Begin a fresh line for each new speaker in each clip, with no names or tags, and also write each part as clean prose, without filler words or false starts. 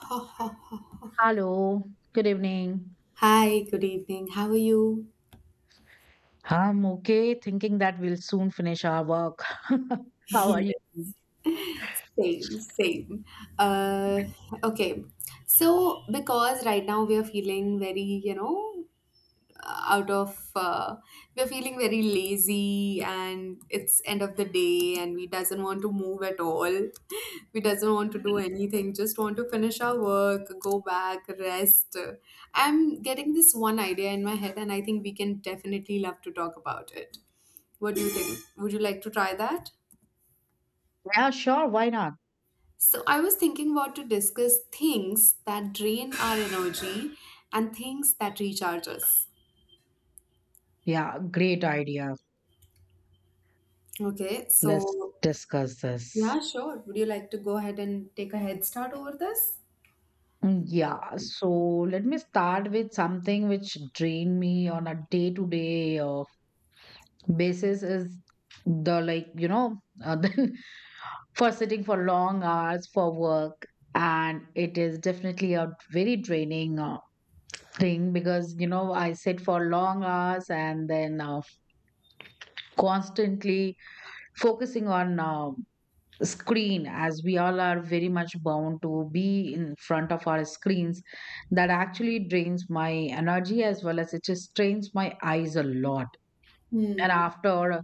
Ha, ha, ha.
Hello, good evening.
Hi, good evening. How are you?
I'm okay, thinking that we'll soon finish our work. How are you?
Yes, same. Uh, okay. So, because right now we are feeling very out of, we're feeling very lazy and it's end of the day and we doesn't want to move at all. We doesn't want to do anything, just want to finish our work, go back, rest. I'm getting this one idea in my head and I think we can definitely love to talk about it. What do you think? Would you like to try that?
Yeah, sure. Why not?
So I was thinking what to discuss, things that drain our energy and things that recharge us.
Yeah, great idea.
Okay,
Let's
so
discuss this.
yeah, sure. Would you like to go ahead and take a head start over this?
Mm, yeah, so let me start with something which drain me on a day-to-day basis is the like, you know, then for sitting for long hours for work, and it is definitely a very draining thing because you know I sit for long hours and then constantly focusing on screen, as we all are very much bound to be in front of our screens. That actually drains my energy, as well as it just strains my eyes a lot. And
Hmm.
after a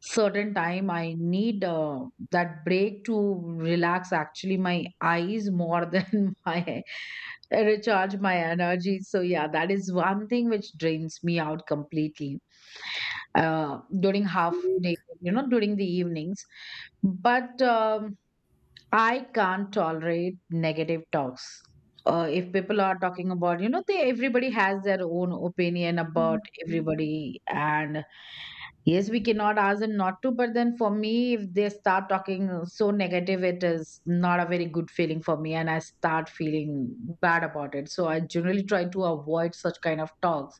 certain time I need that break to relax actually my eyes more than my recharge my energy. So yeah, that is one thing which drains me out completely during half day, you know, during the evenings. But I can't tolerate negative talks. If people are talking about, you know, they everybody has their own opinion about everybody, and yes, we cannot ask them not to. But then, for me, if they start talking so negative, it is not a very good feeling for me, and I start feeling bad about it. So I generally try to avoid such kind of talks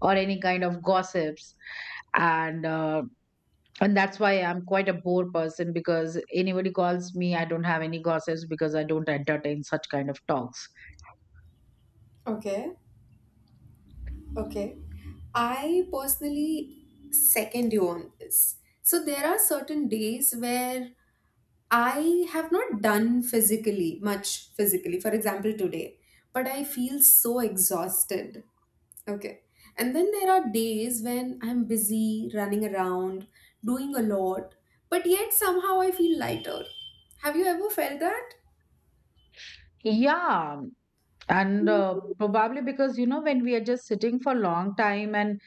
or any kind of gossips, and uh, and that's why I'm quite a bore person, because anybody calls me I don't have any gossips, because I don't entertain such kind of talks.
Okay. Okay. I personally second you on this. So there are certain days where I have not done physically much physically. For example, today, but I feel so exhausted. Okay. And then there are days when I'm busy, running around, doing a lot, but yet somehow I feel lighter. Have you ever felt that?
Yeah, and probably because, you know, when we are just sitting for long time and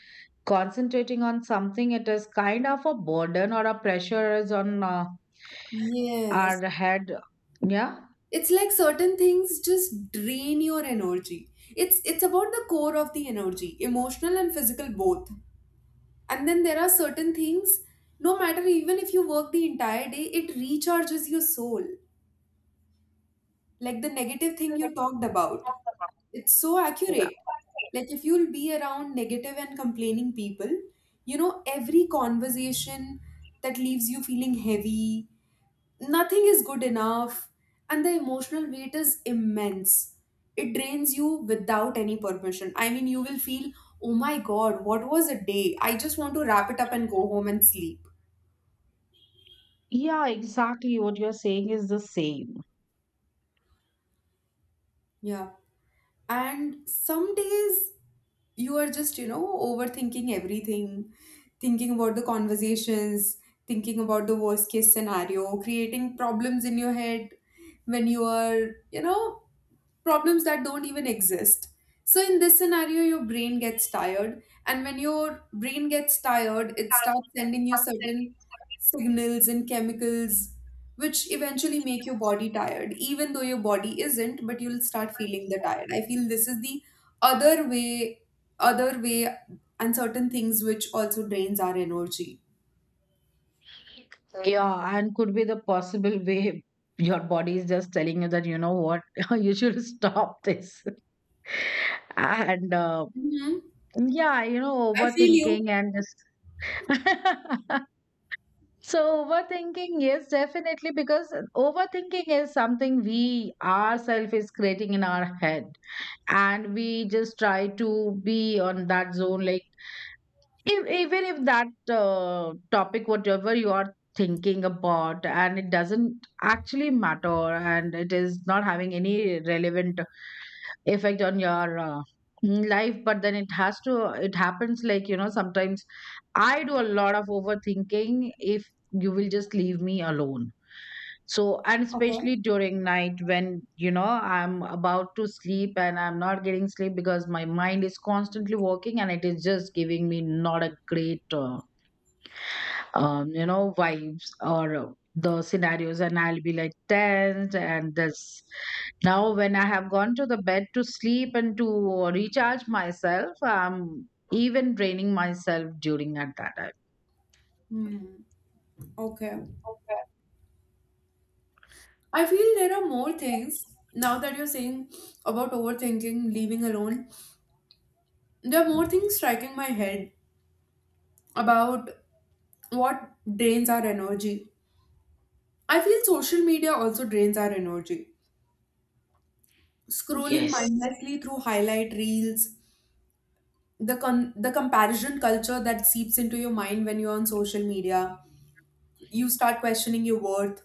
concentrating on something, it is kind of a burden or a pressure is on our
Yes.
head. Yeah.
It's like certain things just drain your energy. It's about the core of the energy, emotional and physical both. And then there are certain things, no matter even if you work the entire day, it recharges your soul. Like the negative thing you talked about, it's so
Yeah.
accurate. Like if you'll be around negative and complaining people, you know, every conversation that leaves you feeling heavy, nothing is good enough, and the emotional weight is immense. It drains you without any permission. I mean, you will feel, oh my god, what was a day? I just want to wrap it up and go home and sleep.
Yeah, exactly what you're saying is the same.
Yeah. And some days you are just, you know, overthinking everything, thinking about the conversations, thinking about the worst case scenario, creating problems in your head when you are, you know, problems that don't even exist. So, in this scenario, your brain gets tired, and when your brain gets tired, it starts sending you certain signals and chemicals which eventually make your body tired, even though your body isn't, but you'll start feeling the tired. I feel this is the other way other way, and certain things which also drains our energy.
Yeah, and could be the possible way your body is just telling you that, you know what, you should stop this. And
Hmm.
Yeah, you know,
I feel you.
overthinking and just- so overthinking, yes, definitely, because overthinking is something we ourselves is creating in our head. And we just try to be on that zone, like, if, even if that topic, whatever you are thinking about, and it doesn't actually matter, and it is not having any relevant effect on your life, but then it has to, it happens like, you know, sometimes I do a lot of overthinking if you will just leave me alone. So, and especially
Okay.
during night when, you know, I'm about to sleep and I'm not getting sleep because my mind is constantly working and it is just giving me not a great you know, vibes or the scenarios, and I'll be like tense and this. Now, when I have gone to the bed to sleep and to recharge myself, I'm even draining myself during at that time.
Hmm. Okay.
Okay.
I feel there are more things now that you're saying about overthinking, leaving alone. There are more things striking my head about what drains our energy. I feel social media also drains our energy. Scrolling
Yes.
mindlessly through highlight reels, the comparison culture that seeps into your mind when you're on social media, you start questioning your worth.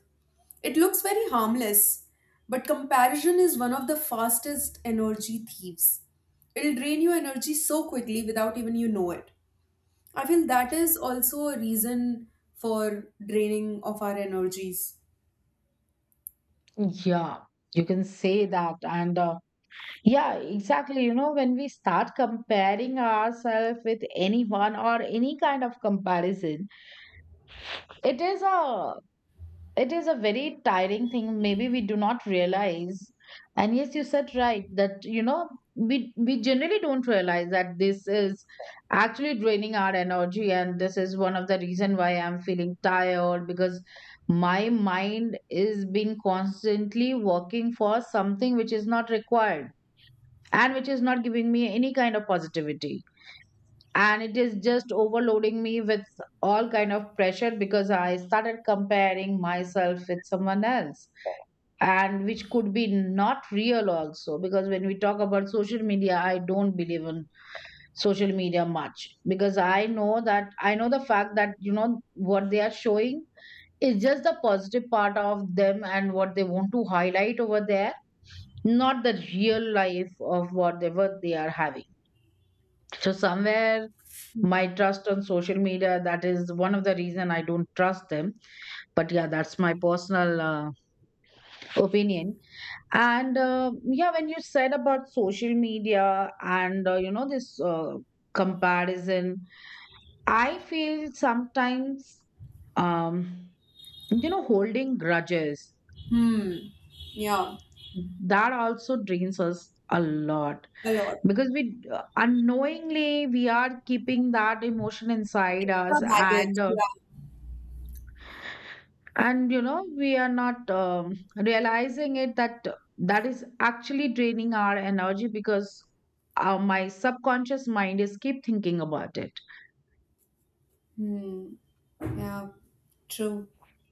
It looks very harmless, but comparison is one of the fastest energy thieves. It'll drain your energy so quickly without even you know it. I feel that is also a reason for draining of our energies.
Yeah, you can say that. And Yeah, exactly. You know, when we start comparing ourselves with anyone or any kind of comparison, it is a it is a very tiring thing. Maybe we do not realize. And yes, you said right that, you know, we generally don't realize that this is actually draining our energy, and this is one of the reason why I'm feeling tired, because my mind is being constantly working for something which is not required, and which is not giving me any kind of positivity, and it is just overloading me with all kind of pressure, because I started comparing myself with someone else, and which could be not real also. Because when we talk about social media, I don't believe in social media much, because I know that I know the fact that, you know, what they are showing is just the positive part of them and what they want to highlight over there, not the real life of what they are having. So somewhere my trust on social media, that is one of the reason I don't trust them. But yeah, that's my personal opinion. And Yeah, when you said about social media and you know, this comparison, I feel sometimes um you know, holding grudges
Hmm. Yeah,
that also drains us a lot,
a lot.
because we unknowingly we are keeping that emotion inside us,
The baggage.
and
Yeah.
and you know, we are not realizing it that that is actually draining our energy, because my subconscious mind is keep thinking about it.
Hmm. Yeah, true.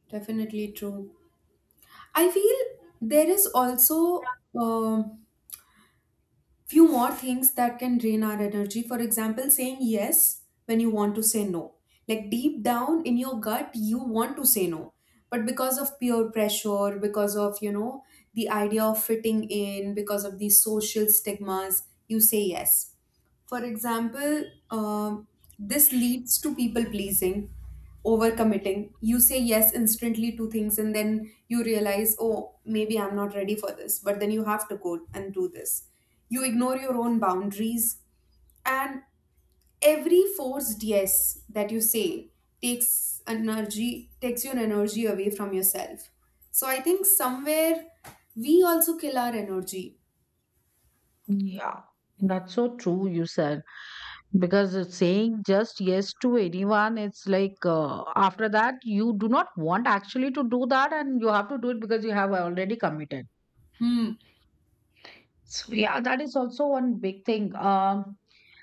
Definitely true. I feel there is also few more things that can drain our energy, for example, saying yes when you want to say no. Like, deep down in your gut you want to say no, but because of peer pressure, because of, you know, the idea of fitting in, because of these social stigmas, you say yes. For example, this leads to people pleasing, overcommitting. You say yes instantly to things, and then you realize, oh, maybe I'm not ready for this, but then you have to go and do this. You ignore your own boundaries, and every forced yes that you say takes energy, takes your energy away from yourself. So I think somewhere we also kill our energy.
Yeah, that's so true, you said, because it's saying just yes to anyone, it's like after that you do not want actually to do that, and you have to do it because you have already committed.
Hmm.
So yeah, that is also one big thing.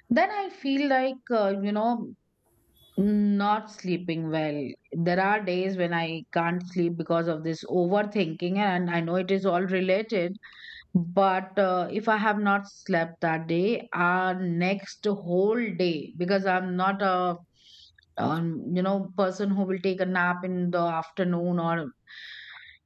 Then I feel like you know, not sleeping well. There are days when I can't sleep because of this overthinking, and I know it is all related. But if I have not slept that day, next whole day, because I'm not a you know, person who will take a nap in the afternoon or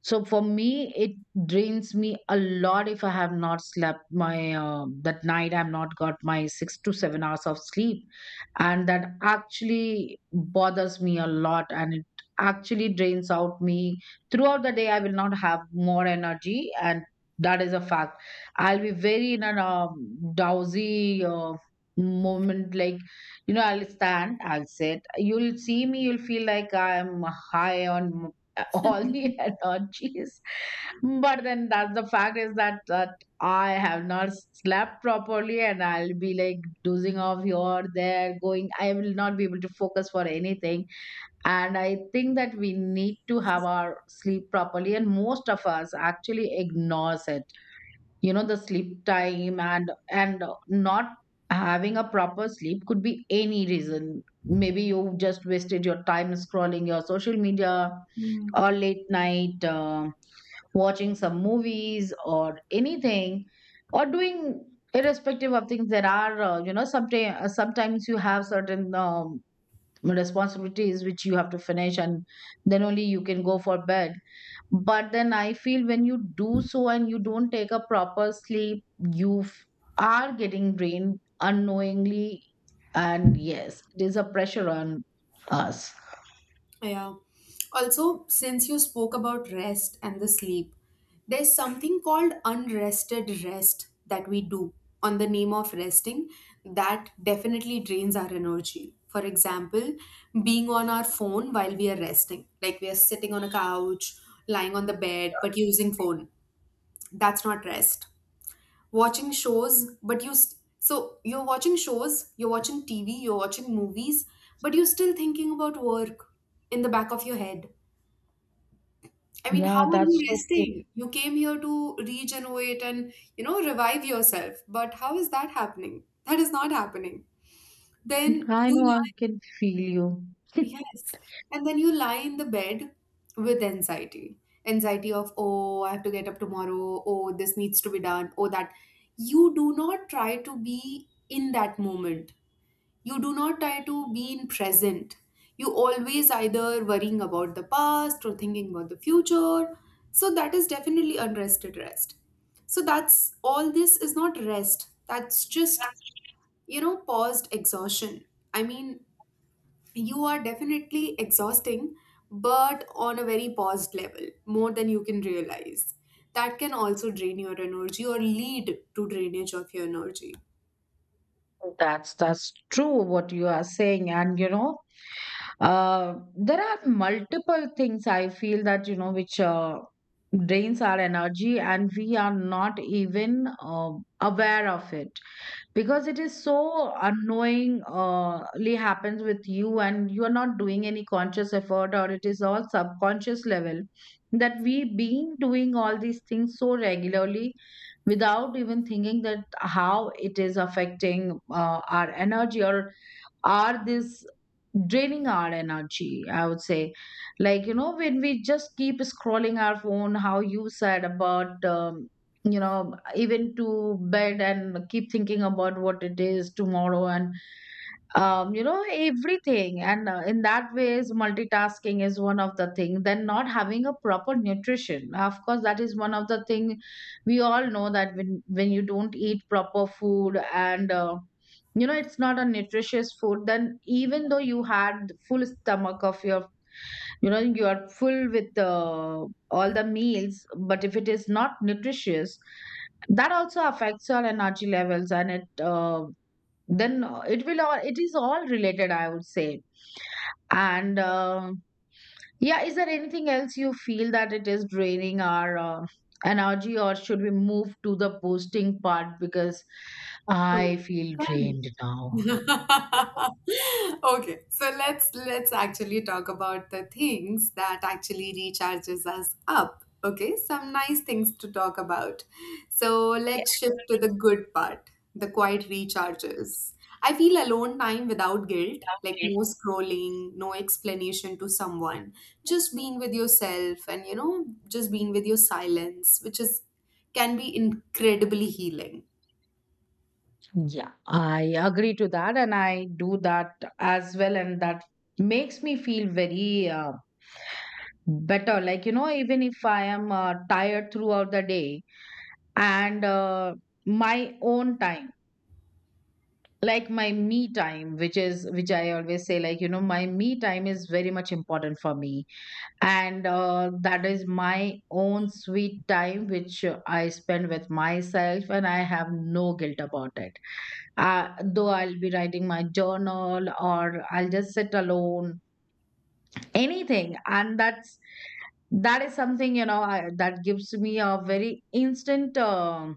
so, for me, it drains me a lot if I have not slept my that night. I've not got my 6 to 7 hours of sleep, and that actually bothers me a lot, and it actually drains out me throughout the day. I will not have more energy, and that is a fact. I'll be very in a drowsy moment, like, you know, I'll stand, I'll sit. You'll see me, you'll feel like I'm high on all the energies. But then that's the fact, is that that I have not slept properly and I'll be like dozing off here, there, going. I will not be able to focus for anything. And I think that we need to have our sleep properly. And most of us actually ignores it, you know, the sleep time, and not having a proper sleep could be any reason. Maybe you just wasted your time scrolling your social media, or
Hmm.
late night watching some movies or anything, or doing irrespective of things. There are you know, sometimes you have certain responsibilities which you have to finish, and then only you can go for bed. But then I feel when you do so and you don't take a proper sleep, you f- are getting drained unknowingly. And yes, it is a pressure on us.
Yeah. Also, since you spoke about rest and the sleep, there's something called unrested rest that we do on the name of resting that definitely drains our energy. For example, being on our phone while we are resting, like we are sitting on a couch, lying on the bed, but using phone. That's not rest. Watching shows, so you're watching shows, you're watching TV, you're watching movies, but you're still thinking about work in the back of your head. I mean, how
Yeah,
are
that's
you
so true.
resting? You came here to regenerate and, you know, revive yourself. But how is that happening? That is not happening. Then
I
you
know I
lie,
can feel you.
yes. And then you lie in the bed with anxiety. Anxiety of, oh, I have to get up tomorrow. Oh, this needs to be done. Oh, that. You do not try to be in that moment, you do not try to be in present, you always either worrying about the past or thinking about the future. So that is definitely unrested rest. So that's all, this is not rest, that's just, you know, paused exhaustion. I mean, you are definitely exhausting, but on a very paused level, more than you can realize. That can also drain your energy or lead to drainage of your energy.
That's true what you are saying. And you know, uh, there are multiple things I feel that, you know, which drains our energy, and we are not even aware of it, because it is so unknowingly happens with you, and you are not doing any conscious effort, or it is all subconscious level that we been doing all these things so regularly without even thinking that how it is affecting our energy, or are this draining our energy, I would say. Like, you know, when we just keep scrolling our phone, how you said about you know, even to bed and keep thinking about what it is tomorrow, and you know, everything. And In that ways, multitasking is one of the thing. Then not having a proper nutrition, of course, that is one of the thing. We all know that when you don't eat proper food, and you know, it's not a nutritious food, then even though you had full stomach of your, you know, you are full with all the meals, but if it is not nutritious, that also affects your energy levels, and it then it will all, it is all related, I would say. And Yeah, is there anything else you feel that it is draining our energy, or should we move to the posting part, because
So you
I feel drained now?
can okay, so let's actually talk about the things that actually recharges us up. Okay, some nice things to talk about. So
Yeah.
let's shift to the good part, the quiet recharges. I feel alone time without guilt, like no scrolling, no explanation to someone, just being with yourself and, you know, just being with your silence, which is can be incredibly healing.
Yeah, I agree to that, and I do that as well, and that makes me feel very better, like, you know, even if I am tired throughout the day, and my own time, like my me time, which is, which I always say, like, you know, my me time is very much important for me, and that is my own sweet time, which I spend with myself, and I have no guilt about it. uh, though I'll be writing my journal, or I'll just sit alone, anything, and that's that is something, you know, I, that gives me a very instant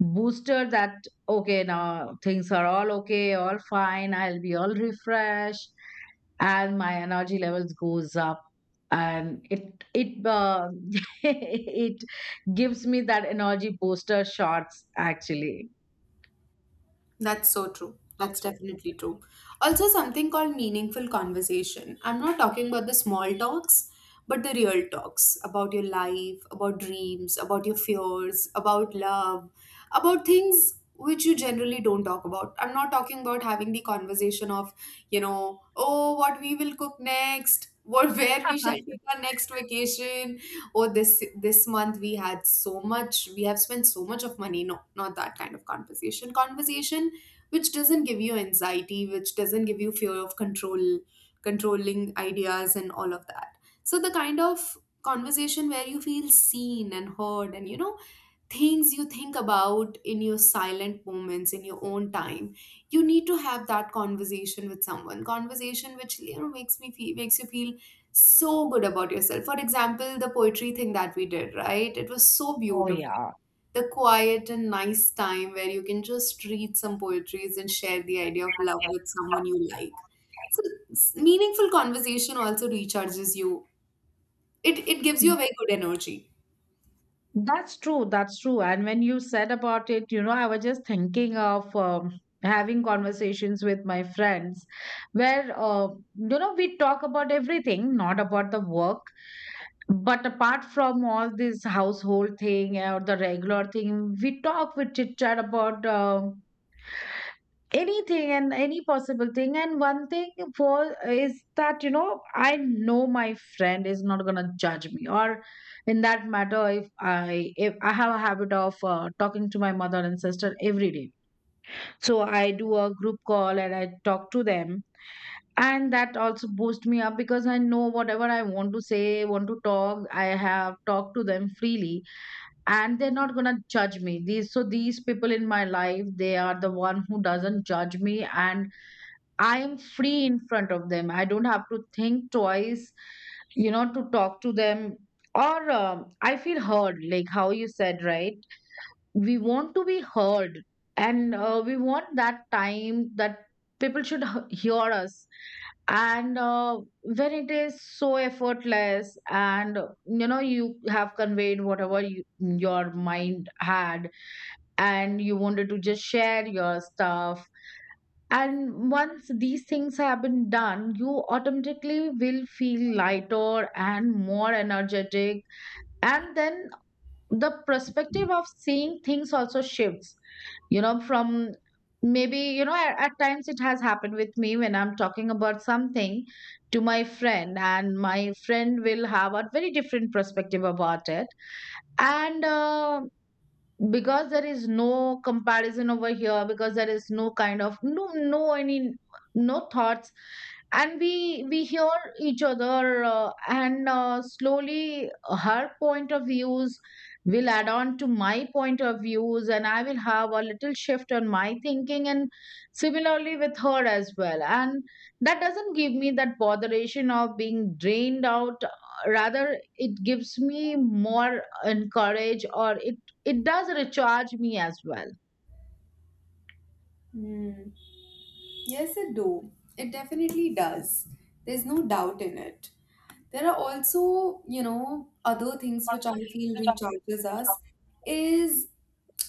booster that, okay, now things are all okay, all fine, I'll be all refreshed, and my energy levels goes up, and it it gives me that energy booster shots actually.
That's so true. That's definitely true. Also, something called meaningful conversation. I'm not talking about the small talks, but the real talks about your life, about dreams, about your fears, about love, about things which you generally don't talk about. I'm not talking about having the conversation of, you know, oh, what we will cook next. What, where we shall take our next vacation, or this month we had so much, we have spent so much of money. No, not that kind of conversation. Conversation which doesn't give you anxiety, which doesn't give you fear of control, controlling ideas and all of that. So the kind of conversation where you feel seen and heard, and you know, things you think about in your silent moments, in your own time, you need to have that conversation with someone. Conversation which, you know, makes me feel, makes you feel so good about yourself. For example, the poetry thing that we did, right? It was so
Oh
beautiful,
yeah.
the quiet and nice time where you can just read some poetries and share the idea of love with someone you like. So, meaningful conversation also recharges you. It gives you a very good energy.
That's true. That's true. And when you said about it, you know, I was just thinking of having conversations with my friends, where, you know, we talk about everything, not about the work. But apart from all this household thing or the regular thing, we chit chat about anything and any possible thing. And one thing for is that I know my friend is not gonna judge me, or in that matter, if I have a habit of talking to my mother and sister every day. So I do a group call and I talk to them, and that also boosts me up because I know whatever I want to say, want to talk, I have talked to them freely, and they're not gonna judge me. These so these people in my life, they are the one who doesn't judge me, and I am free in front of them. I don't have to think twice, you know, to talk to them. Or I feel heard, like how you said, right? We want to be heard, and we want that time that people should hear us. And when it is so effortless, and you know, you have conveyed whatever your mind had, and you wanted to just share your stuff. And once these things have been done, you automatically will feel lighter and more energetic. And then the perspective of seeing things also shifts, you know, from maybe, you know, at times it has happened with me when I'm talking about something to my friend, and my friend will have a very different perspective about it. And, because there is no comparison over here, because there is no kind of no no any no thoughts, and we hear each other, and slowly her point of views will add on to my point of views, and I will have a little shift on my thinking, and similarly with her as well. And that doesn't give me that botheration of being drained out; rather, it gives me more encourage, or it does recharge me as well.
Hmm. Yes, it do. It definitely does. There's no doubt in it. There are also, you know, other things which I feel recharges us is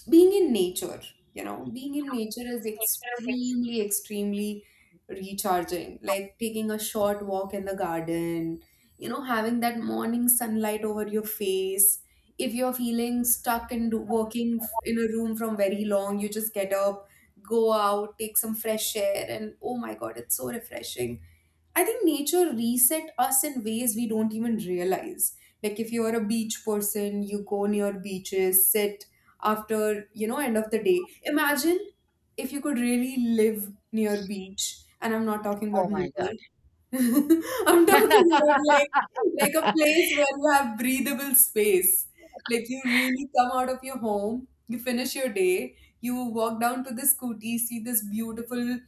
being in nature. You know, being in nature is extremely, extremely recharging. Like taking a short walk in the garden, you know, having that morning sunlight over your face. If you're feeling stuck and in a room from very long, you just get up, go out, take some fresh air, and oh my god, it's so refreshing. I think nature reset us in ways we don't even realize. Like if you're a beach person, you go near beaches, sit after, you know, end of the day. Imagine if you could really live near beach, and I'm not talking about
Oh my
Mumbai. I'm
God.
talking about like a place where you have breathable space. Like you really come out of your home, you finish your day, you walk down to the scooty, see this beautiful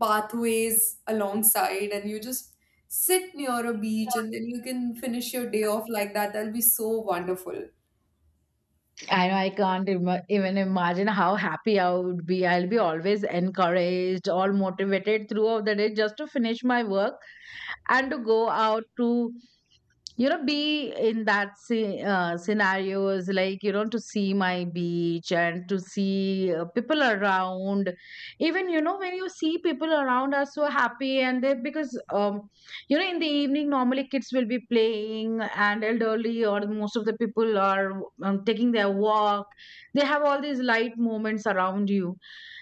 pathways alongside, and you just sit near a beach, and then you can finish your day off like that. That'll be so wonderful.
I know I can't even imagine how happy I would be. I'll be always encouraged, all motivated throughout the day, just to finish my work and to go out to, you know, be in that scenario. Is like, you know, to see my beach and to see people around. Even, you know, when you see people around are so happy. And they, because you know, in the evening normally kids will be playing, and elderly or most of the people are taking their walk. They have all these light moments around you.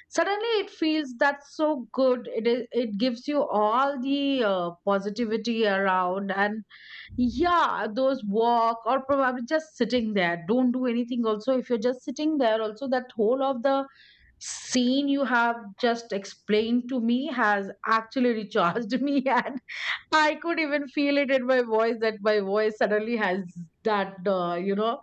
Suddenly it feels that's so good. It is, it gives you all the positivity around. And yeah, those walk, or probably just sitting there, don't do anything. Also, if you're just sitting there also, that whole of the scene you have just explained to me has actually recharged me. And I could even feel it in my voice, that my voice suddenly has that you know,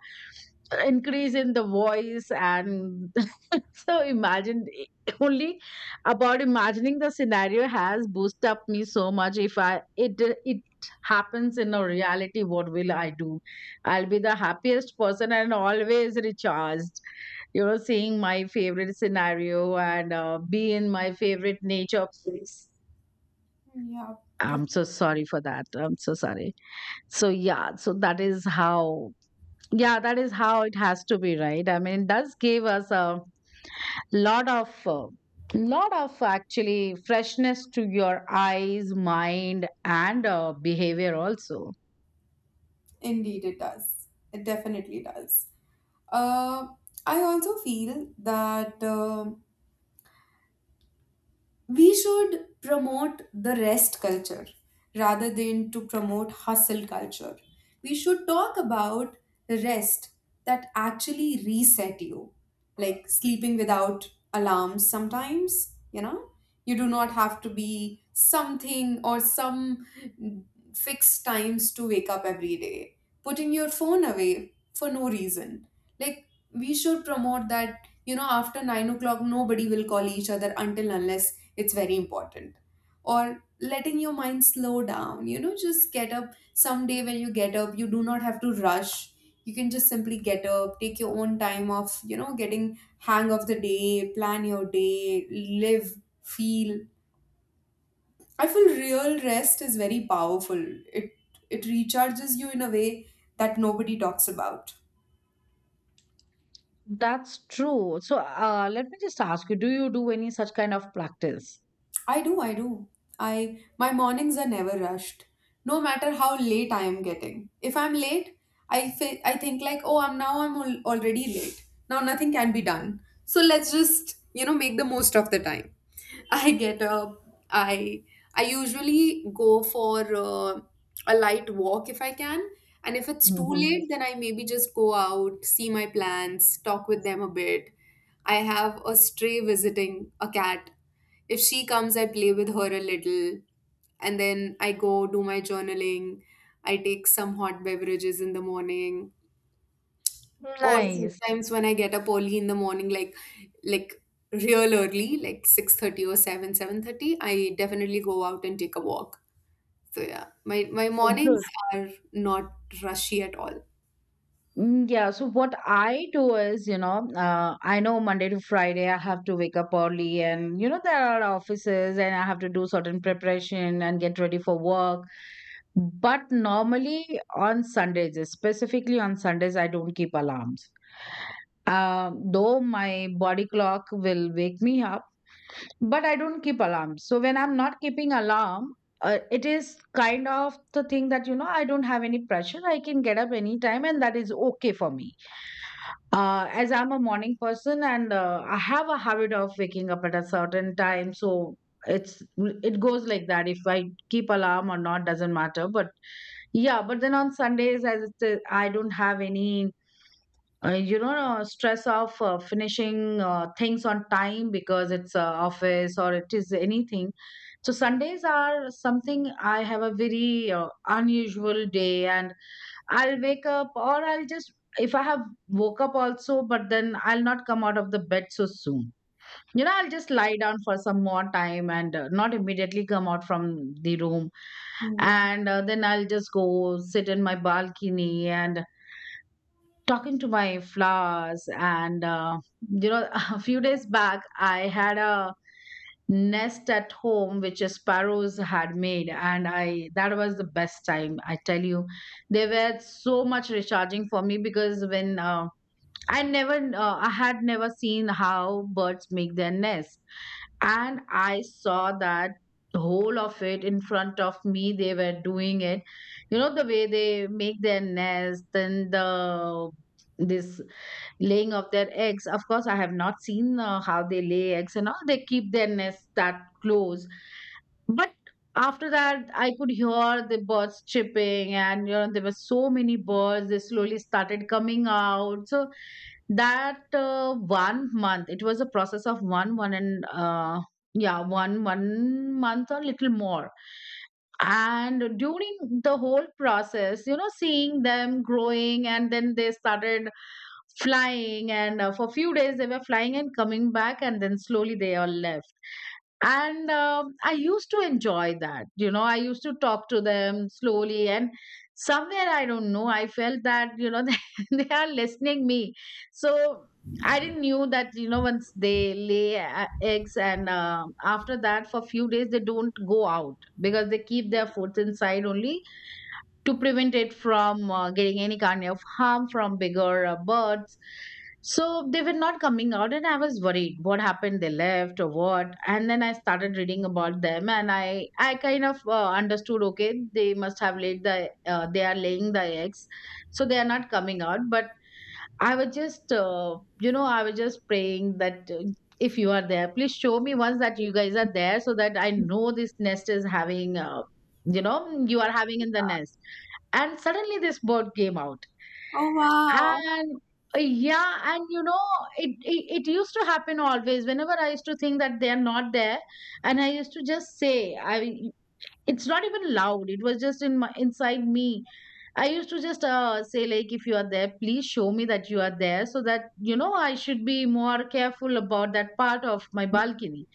increase in the voice. And so imagine only about imagining the scenario has boosted up me so much. If I it it happens in a reality, what will I do? I'll be the happiest person and always recharged, you know, seeing my favorite scenario and be in my favorite nature place.
Yeah, def-
I'm so sorry for that. I'm so sorry. So yeah, so that is how, yeah, that is how it has to be, right? I mean, it does give us a lot of uh, lot of actually freshness to your eyes, mind, and behavior also.
Indeed it does. It definitely does. Uh, I also feel that. We should promote the rest culture rather than to promote hustle culture. We should talk about rest that actually reset you, like sleeping without alarms sometimes. You know, you do not have to be something or some fixed times to wake up every day, putting your phone away for no reason. Like, we should promote that, you know, after 9 o'clock nobody will call each other until unless it's very important, or letting your mind slow down. You know, just get up someday, when you get up you do not have to rush, you can just simply get up, take your own time of, you know, getting hang of the day, plan your day, live, feel. I feel real rest is very powerful. It it recharges you in a way that nobody talks about.
That's true. So let me just ask you, do you do any such kind of practice?
I do, I do. I, my mornings are never rushed, no matter how late I am getting. If I'm late, I think like, oh, I'm now already late. Now nothing can be done. So let's just, you know, make the most of the time. I get up. I I usually go for a light walk if I can, and if it's too
Hmm.
late, then I maybe just go out, see my plants, talk with them a bit. I have a stray visiting a cat. If she comes, I play with her a little, and then I go do my journaling. I take some hot beverages in the morning, or
Nice.
sometimes when I get up early in the morning, like like real early, like 6:30 or 7, 7:30, I definitely go out and take a walk. So yeah, my mornings
Good.
are not rushy at all.
Mm, yeah. So what I do is, you know, I know Monday to Friday I have to wake up early, and you know, there are offices, and I have to do certain preparation and get ready for work. But normally on Sundays, specifically on Sundays, I don't keep alarms. Though my body clock will wake me up, but I don't keep alarms. So when I'm not keeping alarm, it is kind of the thing that, you know, I don't have any pressure. I can get up anytime, and that is okay for me. As I'm a morning person and I have a habit of waking up at a certain time, so it goes like that. If I keep alarm or not doesn't matter. But yeah, but then on Sundays, as it is, I don't have any stress of finishing things on time, because it's office or it is anything. So Sundays are something I have a very unusual day. And I'll wake up, or I'll just, if I have woke up also, but then I'll not come out of the bed so soon. You know, I'll just lie down for some more time and not immediately come out from the room.
Hmm.
And then I'll just go sit in my balcony and talking to my flowers. And, you know, a few days back, I had a nest at home which sparrows had made. And I that was the best time, I tell you. They were so much recharging for me because, when I had never seen how birds make their nest. And I saw that the whole of it in front of me, they were doing it. You know, the way they make their nest. Then the this laying of their eggs. Of course, I have not seen how they lay eggs and all. They keep their nest that close. But after that, I could hear the birds chirping, and you know there were so many birds. They slowly started coming out. So that 1 month, it was a process of one month or little more. And during the whole process, you know, seeing them growing, and then they started flying. And for a few days they were flying and coming back, and then slowly they all left. And I used to enjoy that. You know, I used to talk to them slowly. And somewhere, I don't know, I felt that, you know, they are listening me. So I didn't knew that, you know, once they lay eggs and after that, for few days they don't go out, because they keep their foods inside only, to prevent it from getting any kind of harm from bigger birds. So they were not coming out, and I was worried what happened. They left or what? And then I started reading about them, and I kind of understood. Okay, they must have laid the they are laying the eggs, so they are not coming out. But I was just you know, I was just praying that. If you are there, please show me once that you guys are there, so that I know this nest is having, you know, you are having in the nest. And suddenly this bird came out.
Oh wow.
And yeah, and you know, it used to happen always, whenever I used to think that they are not there. And I used to just say, I, it's not even loud, it was just in my inside me. I used to just say like, if you are there, please show me that you are there, so that you know I should be more careful about that part of my balcony.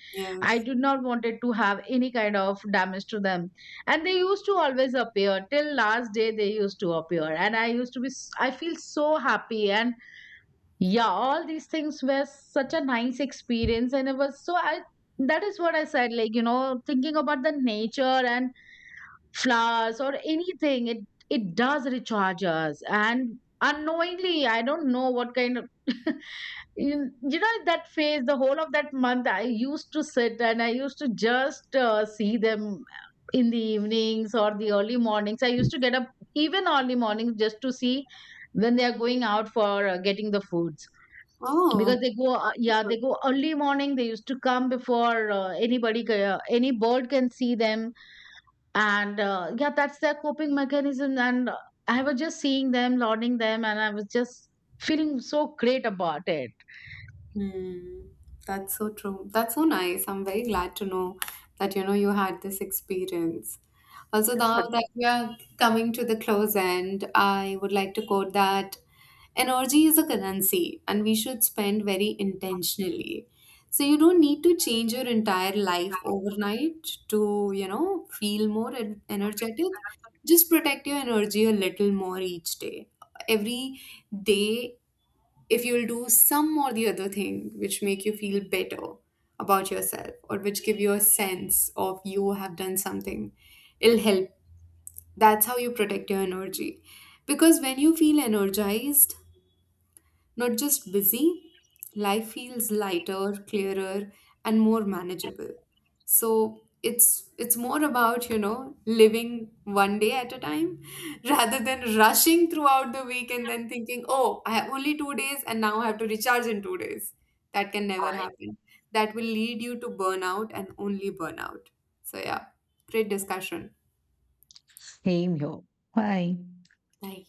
I
Yes.
did not wanted to have any kind of damage to them. And they used to always appear. Till last day they used to appear. And I used to be I feel so happy. And yeah, all these things were such a nice experience. And it was so, I, that is what I said, like, you know, thinking about the nature and flowers or anything, it does recharge us. And unknowingly, I don't know what kind of you know, that phase, the whole of that month I used to sit, and I used to just see them in the evenings or the early mornings. I used to get up even early mornings just to see when they are going out for getting the foods.
Oh,
Because they go yeah,
wonderful.
they go early morning. They used to come before any bird can see them. And yeah, that's their coping mechanism. And I was just seeing them, lauding them. And I was just feeling so great about it.
Hmm. That's so true. That's so nice. I'm very glad to know that, you know, you had this experience. Also, now that we are coming to the close end, I would like to quote that energy is a currency and we should spend very intentionally. So you don't need to change your entire life overnight to, you know, feel energetic. Just protect your energy a little more each day. Every day, if you'll do some or the other thing which make you feel better about yourself or which give you a sense of you have done something, it'll help. That's how you protect your energy. Because when you feel energized, not just busy, life feels lighter, clearer, and more manageable. So it's more about, you know, living one day at a time rather than rushing throughout the week and then thinking, oh, I have only 2 days and now I have to recharge in 2 days. That can never happen. That will lead you to burnout and only burnout. So yeah, great discussion. Like